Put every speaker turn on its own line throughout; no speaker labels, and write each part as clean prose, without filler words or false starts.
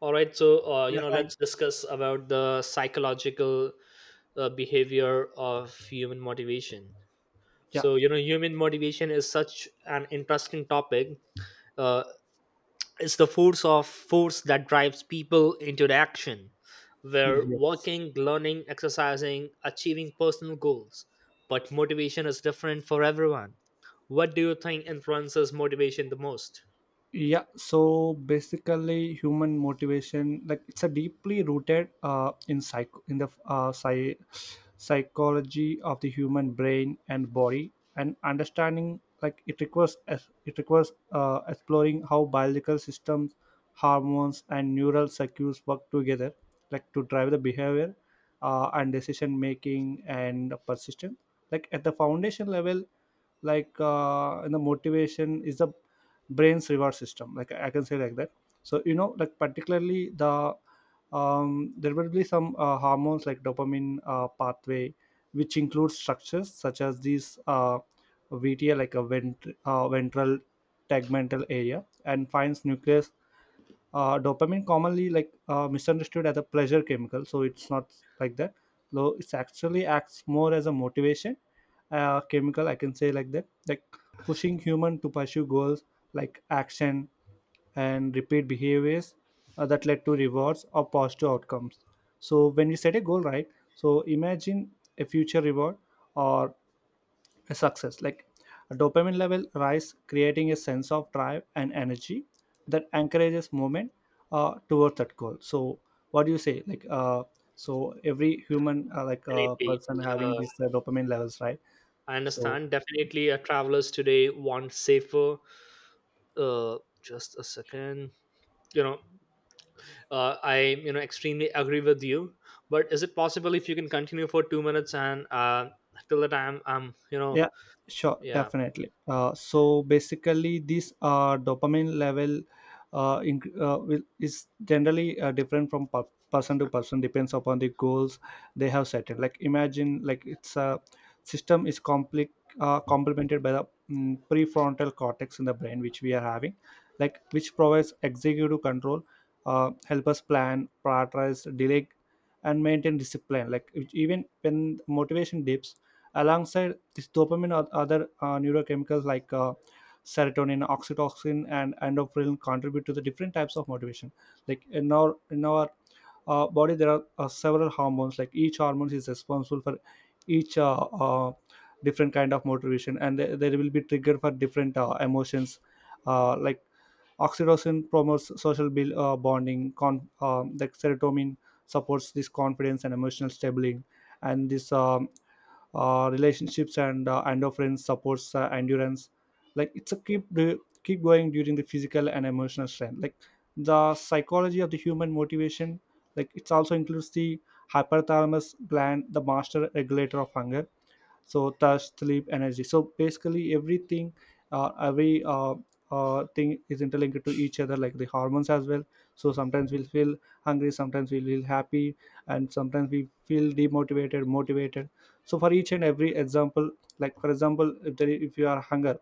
All right, so
い や、はい。
let's discuss about the psychological behavior of human motivation.
いや、
So human motivation is such an interesting topic. Uh, it's the force of force that drives people into the action.
い
We're
いです。
working, learning, exercising, achieving personal goals, but motivation is different for everyone. What do you think influences motivation the most?
Yeah so basically, human motivation, like, it's a deeply rooted in psych in the psy- psychology of the human brain and body, and understanding, like, it requires it requires, exploring how biological systems, hormones and neural circuits work together, like, to drive the behavior, and decision making and persistence, like at the foundation level. Like, in the motivation is the brain's reward system, like, I can say like that. So you know, like, particularly the, there will be some hormones like dopamine pathway, which includes structures such as these, VTA, like a ventral tegmental area, and finds nucleus. Dopamine commonly, like, misunderstood as a pleasure chemical, so it's not like that, though it's actually acts more as a motivation chemical, I can say like that. Like pushing human to pursue goals, like action, and repeat behaviors that led to rewards or positive outcomes. So when we set a goal, right, so imagine a future reward or a success, like a dopamine level rise, creating a sense of drive and energy that encourages movement towards that goal. So what do you say, like, so every human, like,
Definitely.
person having
Uh,
these dopamine levels, right?
I
So
understand. Definitely, travelers today want safer. Just a second. You know, I extremely agree with you. But is it possible if you can continue for 2 minutes and till the time I'm.
yeah, sure,
Yeah.
definitely. So basically, this dopamine level is generally different from person to person, depends upon the goals they have set. It. Like, imagine, like, it's a system is complemented by the, prefrontal cortex in the brain, which we are having, like, which provides executive control, help us plan, prioritize, delay, and maintain discipline. Like, even when motivation dips alongside this dopamine, or other neurochemicals like serotonin, oxytocin, and endorphin contribute to the different types of motivation. Like, in our body, there are several hormones. Like, each hormone is responsible for each different kind of motivation, and they will be triggered for different emotions. Like, oxytocin promotes social bonding. Like, serotonin supports this confidence and emotional stability and this, relationships, and endorphins supports endurance. Like, it's a keep going during the physical and emotional strength. Like, the psychology of the human motivation, like, it also includes the hypothalamus gland, the master regulator of hunger, so touch, sleep, energy, so basically everything. Every Thing is interlinked to each other, like the hormones as well. So sometimes we'll feel hungry, sometimes we feel happy, and sometimes we feel demotivated, motivated. So for each and every example, like for example, if you are hunger,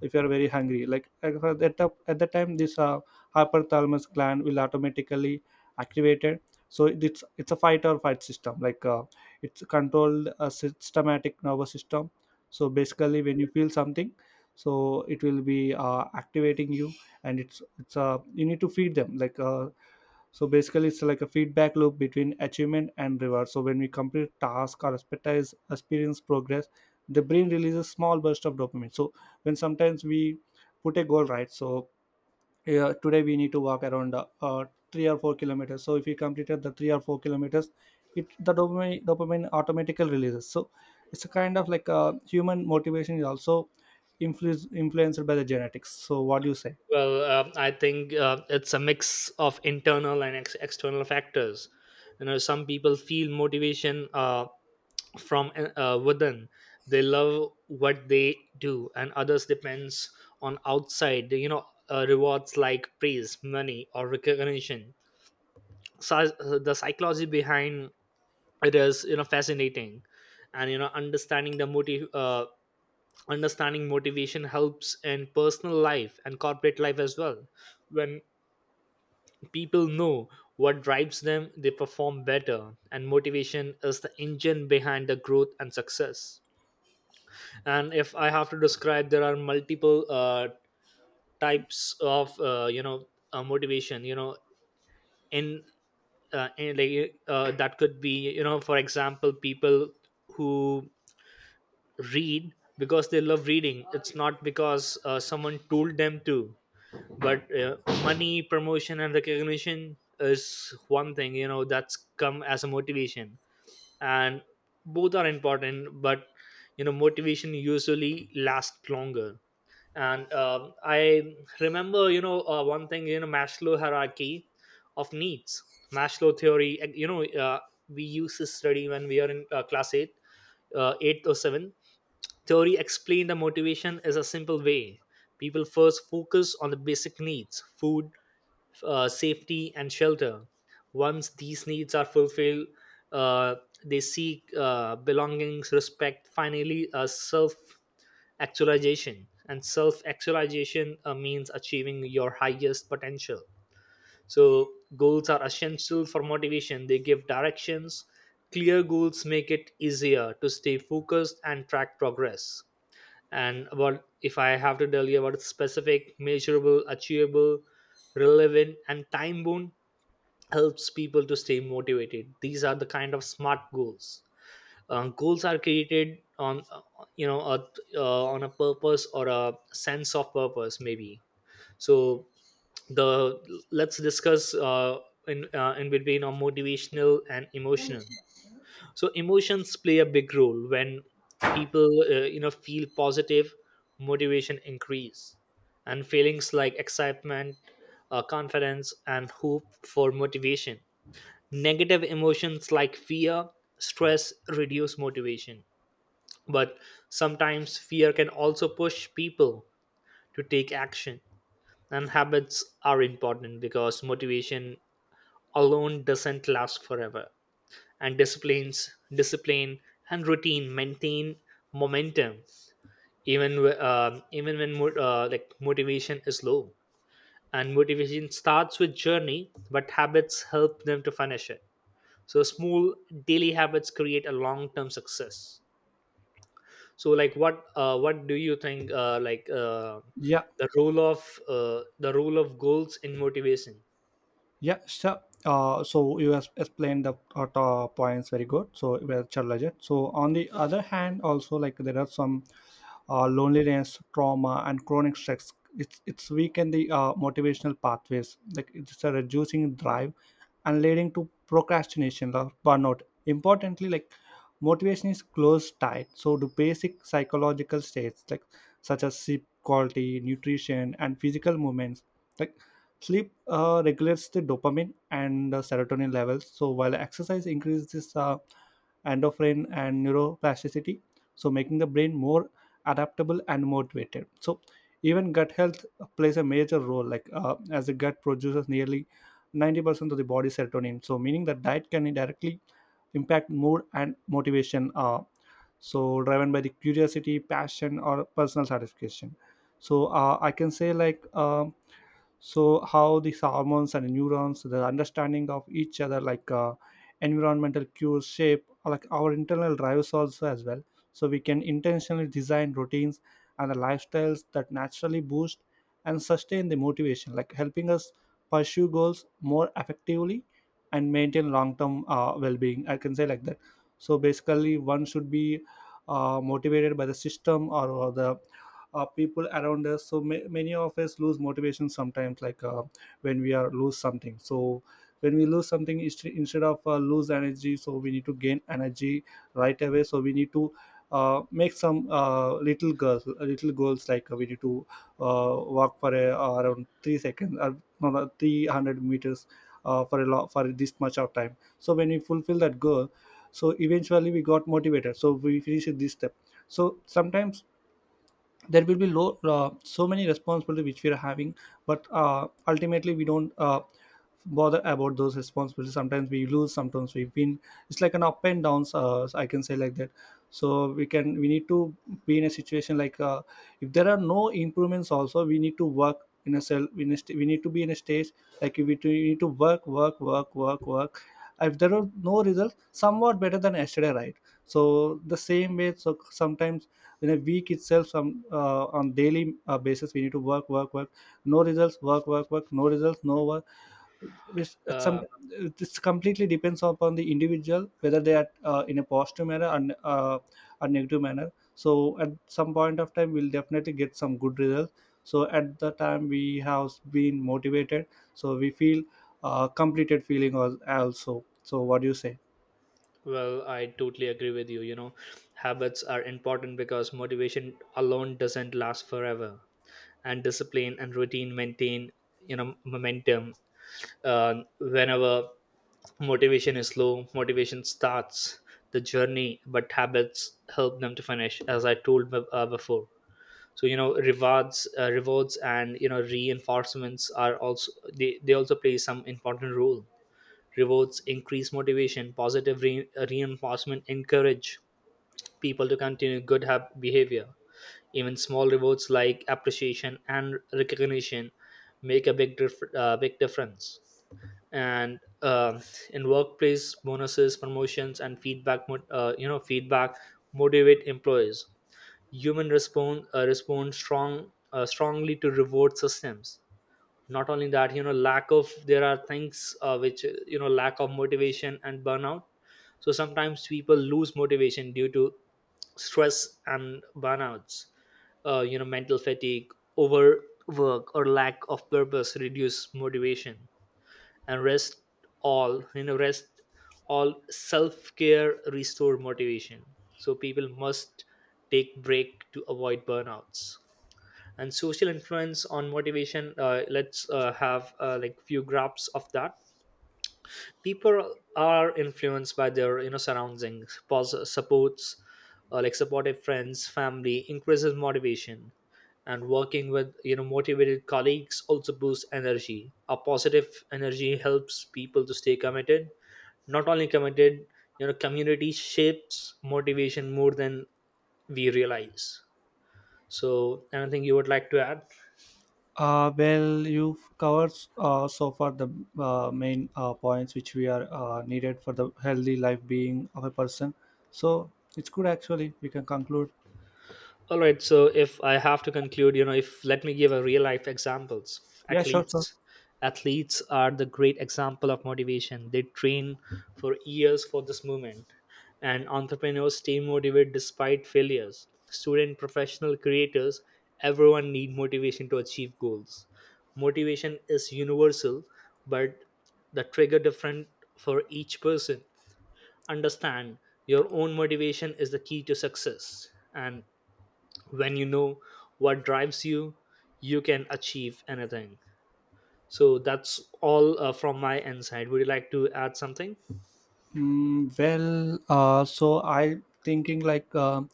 if you are very hungry, like, at that time this hypothalamus gland will automatically activated. So it's a fight or fight system, like, it's controlled a systematic nervous system. So basically, when you feel something, so it will be activating you, and it's you need to feed them, like, so basically it's like a feedback loop between achievement and reward. So when we complete task, or expertise, experience progress, the brain releases small burst of dopamine. So when sometimes we put a goal, right, so yeah, today we need to walk around, 3 or 4 kilometers. So if you completed the 3 or 4 kilometers, it the dopamine automatically releases. So it's a kind of like, human motivation is also influenced by the genetics. So what do you say?
Well, I think it's a mix of internal and external factors. Some people feel motivation. From within, they love what they do, and others depends on outside rewards like praise, money, or recognition. So the psychology behind it is fascinating. And understanding the motive understanding motivation helps in personal life and corporate life as well. When people know what drives them, they perform better, and motivation is the engine behind the growth and success. And if I have to describe, there are multiple types of motivation in, in like that could be for example, people who read because they love reading. It's not because someone told them to. But money, promotion, and recognition is one thing that's come as a motivation. And both are important, but motivation usually lasts longer. And I remember one thing Maslow hierarchy of needs, Maslow theory. And we used to study when we are in class 8, 8 or 7. Theory explained the motivation is a simple way. People first focus on the basic needs: food, safety, and shelter. Once these needs are fulfilled, uh, they seek belongings, respect, finally self actualization. And self actualization means achieving your highest potential. So goals are essential for motivation. They give directions. Clear goals make it easier to stay focused and track progress. And about, if I have to tell you about specific, measurable, achievable, relevant, and time bound, helps people to stay motivated. These are the kind of smart goals. Goals are created on you know a, on a purpose or a sense of purpose maybe. So the let's discuss in between on motivational and emotional. So emotions play a big role. When people feel positive, motivation increase. And feelings like excitement, confidence, and hope for motivation. Negative emotions like fear, stress reduce motivation. But sometimes fear can also push people to take action. And habits are important because motivation alone doesn't last forever. And discipline and routine maintain momentum even even when like motivation is low. And motivation starts with journey, but habits help them to finish it. So small daily habits create a long-term success. So, like, what do you think
Yeah.
the role of the role of goals in motivation?
Yeah, sure. So you have explained the top points very good. So well, sure, legit. So on the other hand, also, like, there are some loneliness, trauma, and chronic stress. It's weaken the motivational pathways. Like, it's a reducing drive and leading to procrastination or burnout. Importantly, like, motivation is close tied. So to basic psychological states, like, such as sleep quality, nutrition, and physical movements. Like, sleep regulates the dopamine and serotonin levels. So while exercise increases endorphin and neuroplasticity, so making the brain more adaptable and motivated. So even gut health plays a major role, like, as the gut produces nearly 90% of the body's serotonin. So meaning that diet can directly impact mood and motivation. So driven by the curiosity, passion, or personal satisfaction. So I can say like. So how these hormones and neurons, the understanding of each other, like, environmental cues shape, like, our internal drives also as well. So we can intentionally design routines and the lifestyles that naturally boost and sustain the motivation, like, helping us pursue goals more effectively and maintain long-term well-being, I can say like that. So basically, one should be motivated by the system, or the people around us. So many of us lose motivation sometimes, like, when we are lose something. So when we lose something, instead of, lose energy, so we need to gain energy right away. So we need to, make some, little goals, little goals, like, we need to, walk for a, around 3 seconds, or no, no, 300 meters, for a for this much of time. So when we fulfill that goal, so eventually we got motivated, so we finished this step. So sometimes there will be low, so many responsibilities which we are having, but ultimately we don't, bother about those responsibilities. Sometimes we lose, sometimes we win. It's like an up and downs, I can say like that. So we can, we need to be in a situation like, if there are no improvements also, we need to work in a cell. We need, we need to be in a stage like we, we need to work, work, work, work, work. If there are no results, somewhat better than yesterday, right? So the same way, so sometimes in a week itself, some on daily basis, we need to work, work, work. No results. Work, work, work. No results. No work. It's some.
uh,
This completely depends upon the individual, whether they are in a positive manner, and a negative manner. So at some point of time, we'll definitely get some good results. So at the time we have been motivated, so we feel completed feeling, also. So what do you say?
well, I totally agree with you you know habits are important because motivation alone doesn't last forever, and discipline and routine maintain momentum. uh, Whenever motivation is low, motivation starts the journey, but habits help them to finish, as I told before. So rewards and reinforcements are also, they also play some important role. Rewards increase motivation. Positive reinforcement encourage people to continue good behavior. Even small rewards like appreciation and recognition make a big difference. And in workplace, bonuses, promotions, and feedback motivate employees. Human respond strongly to reward systems. Not only that, lack of there are things which lack of motivation and burnout. So sometimes people lose motivation due to stress and burnouts. Mental fatigue, overwork, or lack of purpose reduce motivation. And rest all rest all self-care restore motivation. So people must take break to avoid burnouts. And social influence on motivation. Let's have like, few graphs of that. People are influenced by their surroundings. Supports Like supportive friends, family increases motivation. And working with motivated colleagues also boosts energy. A positive energy helps people to stay committed. Not only committed, community shapes motivation more than we realize. So anything you would like to add?
Well, you've covered so far the main points which we are needed for the healthy life being of a person. So it's good, actually. We can conclude.
All right. So if I have to conclude, if let me give a real life examples.
Yeah, sure, sure.
Athletes, Athletes are the great example of motivation. They train for years for this moment, and entrepreneurs stay motivated despite failures. Student, professional, creators, everyone need motivation to achieve goals. Motivation is universal, but the trigger different for each person. Understand your own motivation is the key to success. And when you know what drives you, you can achieve anything. So that's all from my inside. Would you like to add something?
Well, so I thinking like,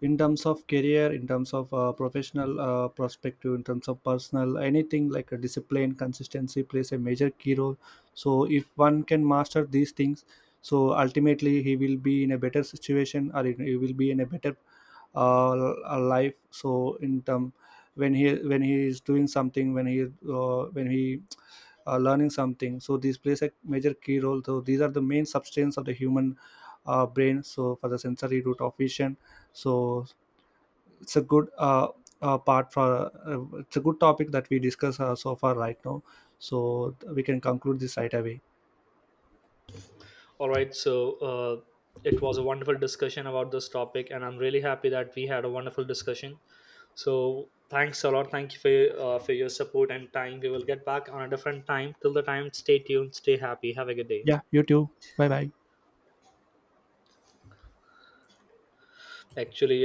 in terms of career, in terms of professional perspective, in terms of personal, anything like a discipline, consistency plays a major key role. So if one can master these things, so ultimately he will be in a better situation, or he will be in a better life. So in term, when he, is doing something, when he, learning something, so these plays a major key role. So these are the main substance of the human brain. So for the sensory route of vision, so it's a good, part for, it's a good topic that we discuss so far right now. So we can conclude this right away.
All right, so it was a wonderful discussion about this topic, and I'm really happy that we had a wonderful discussion. So thanks a lot. Thank you for your support and time. We will get back on a different time. Till the time, stay tuned, stay happy, have a good day.
Yeah, you too. Bye bye.
Actually.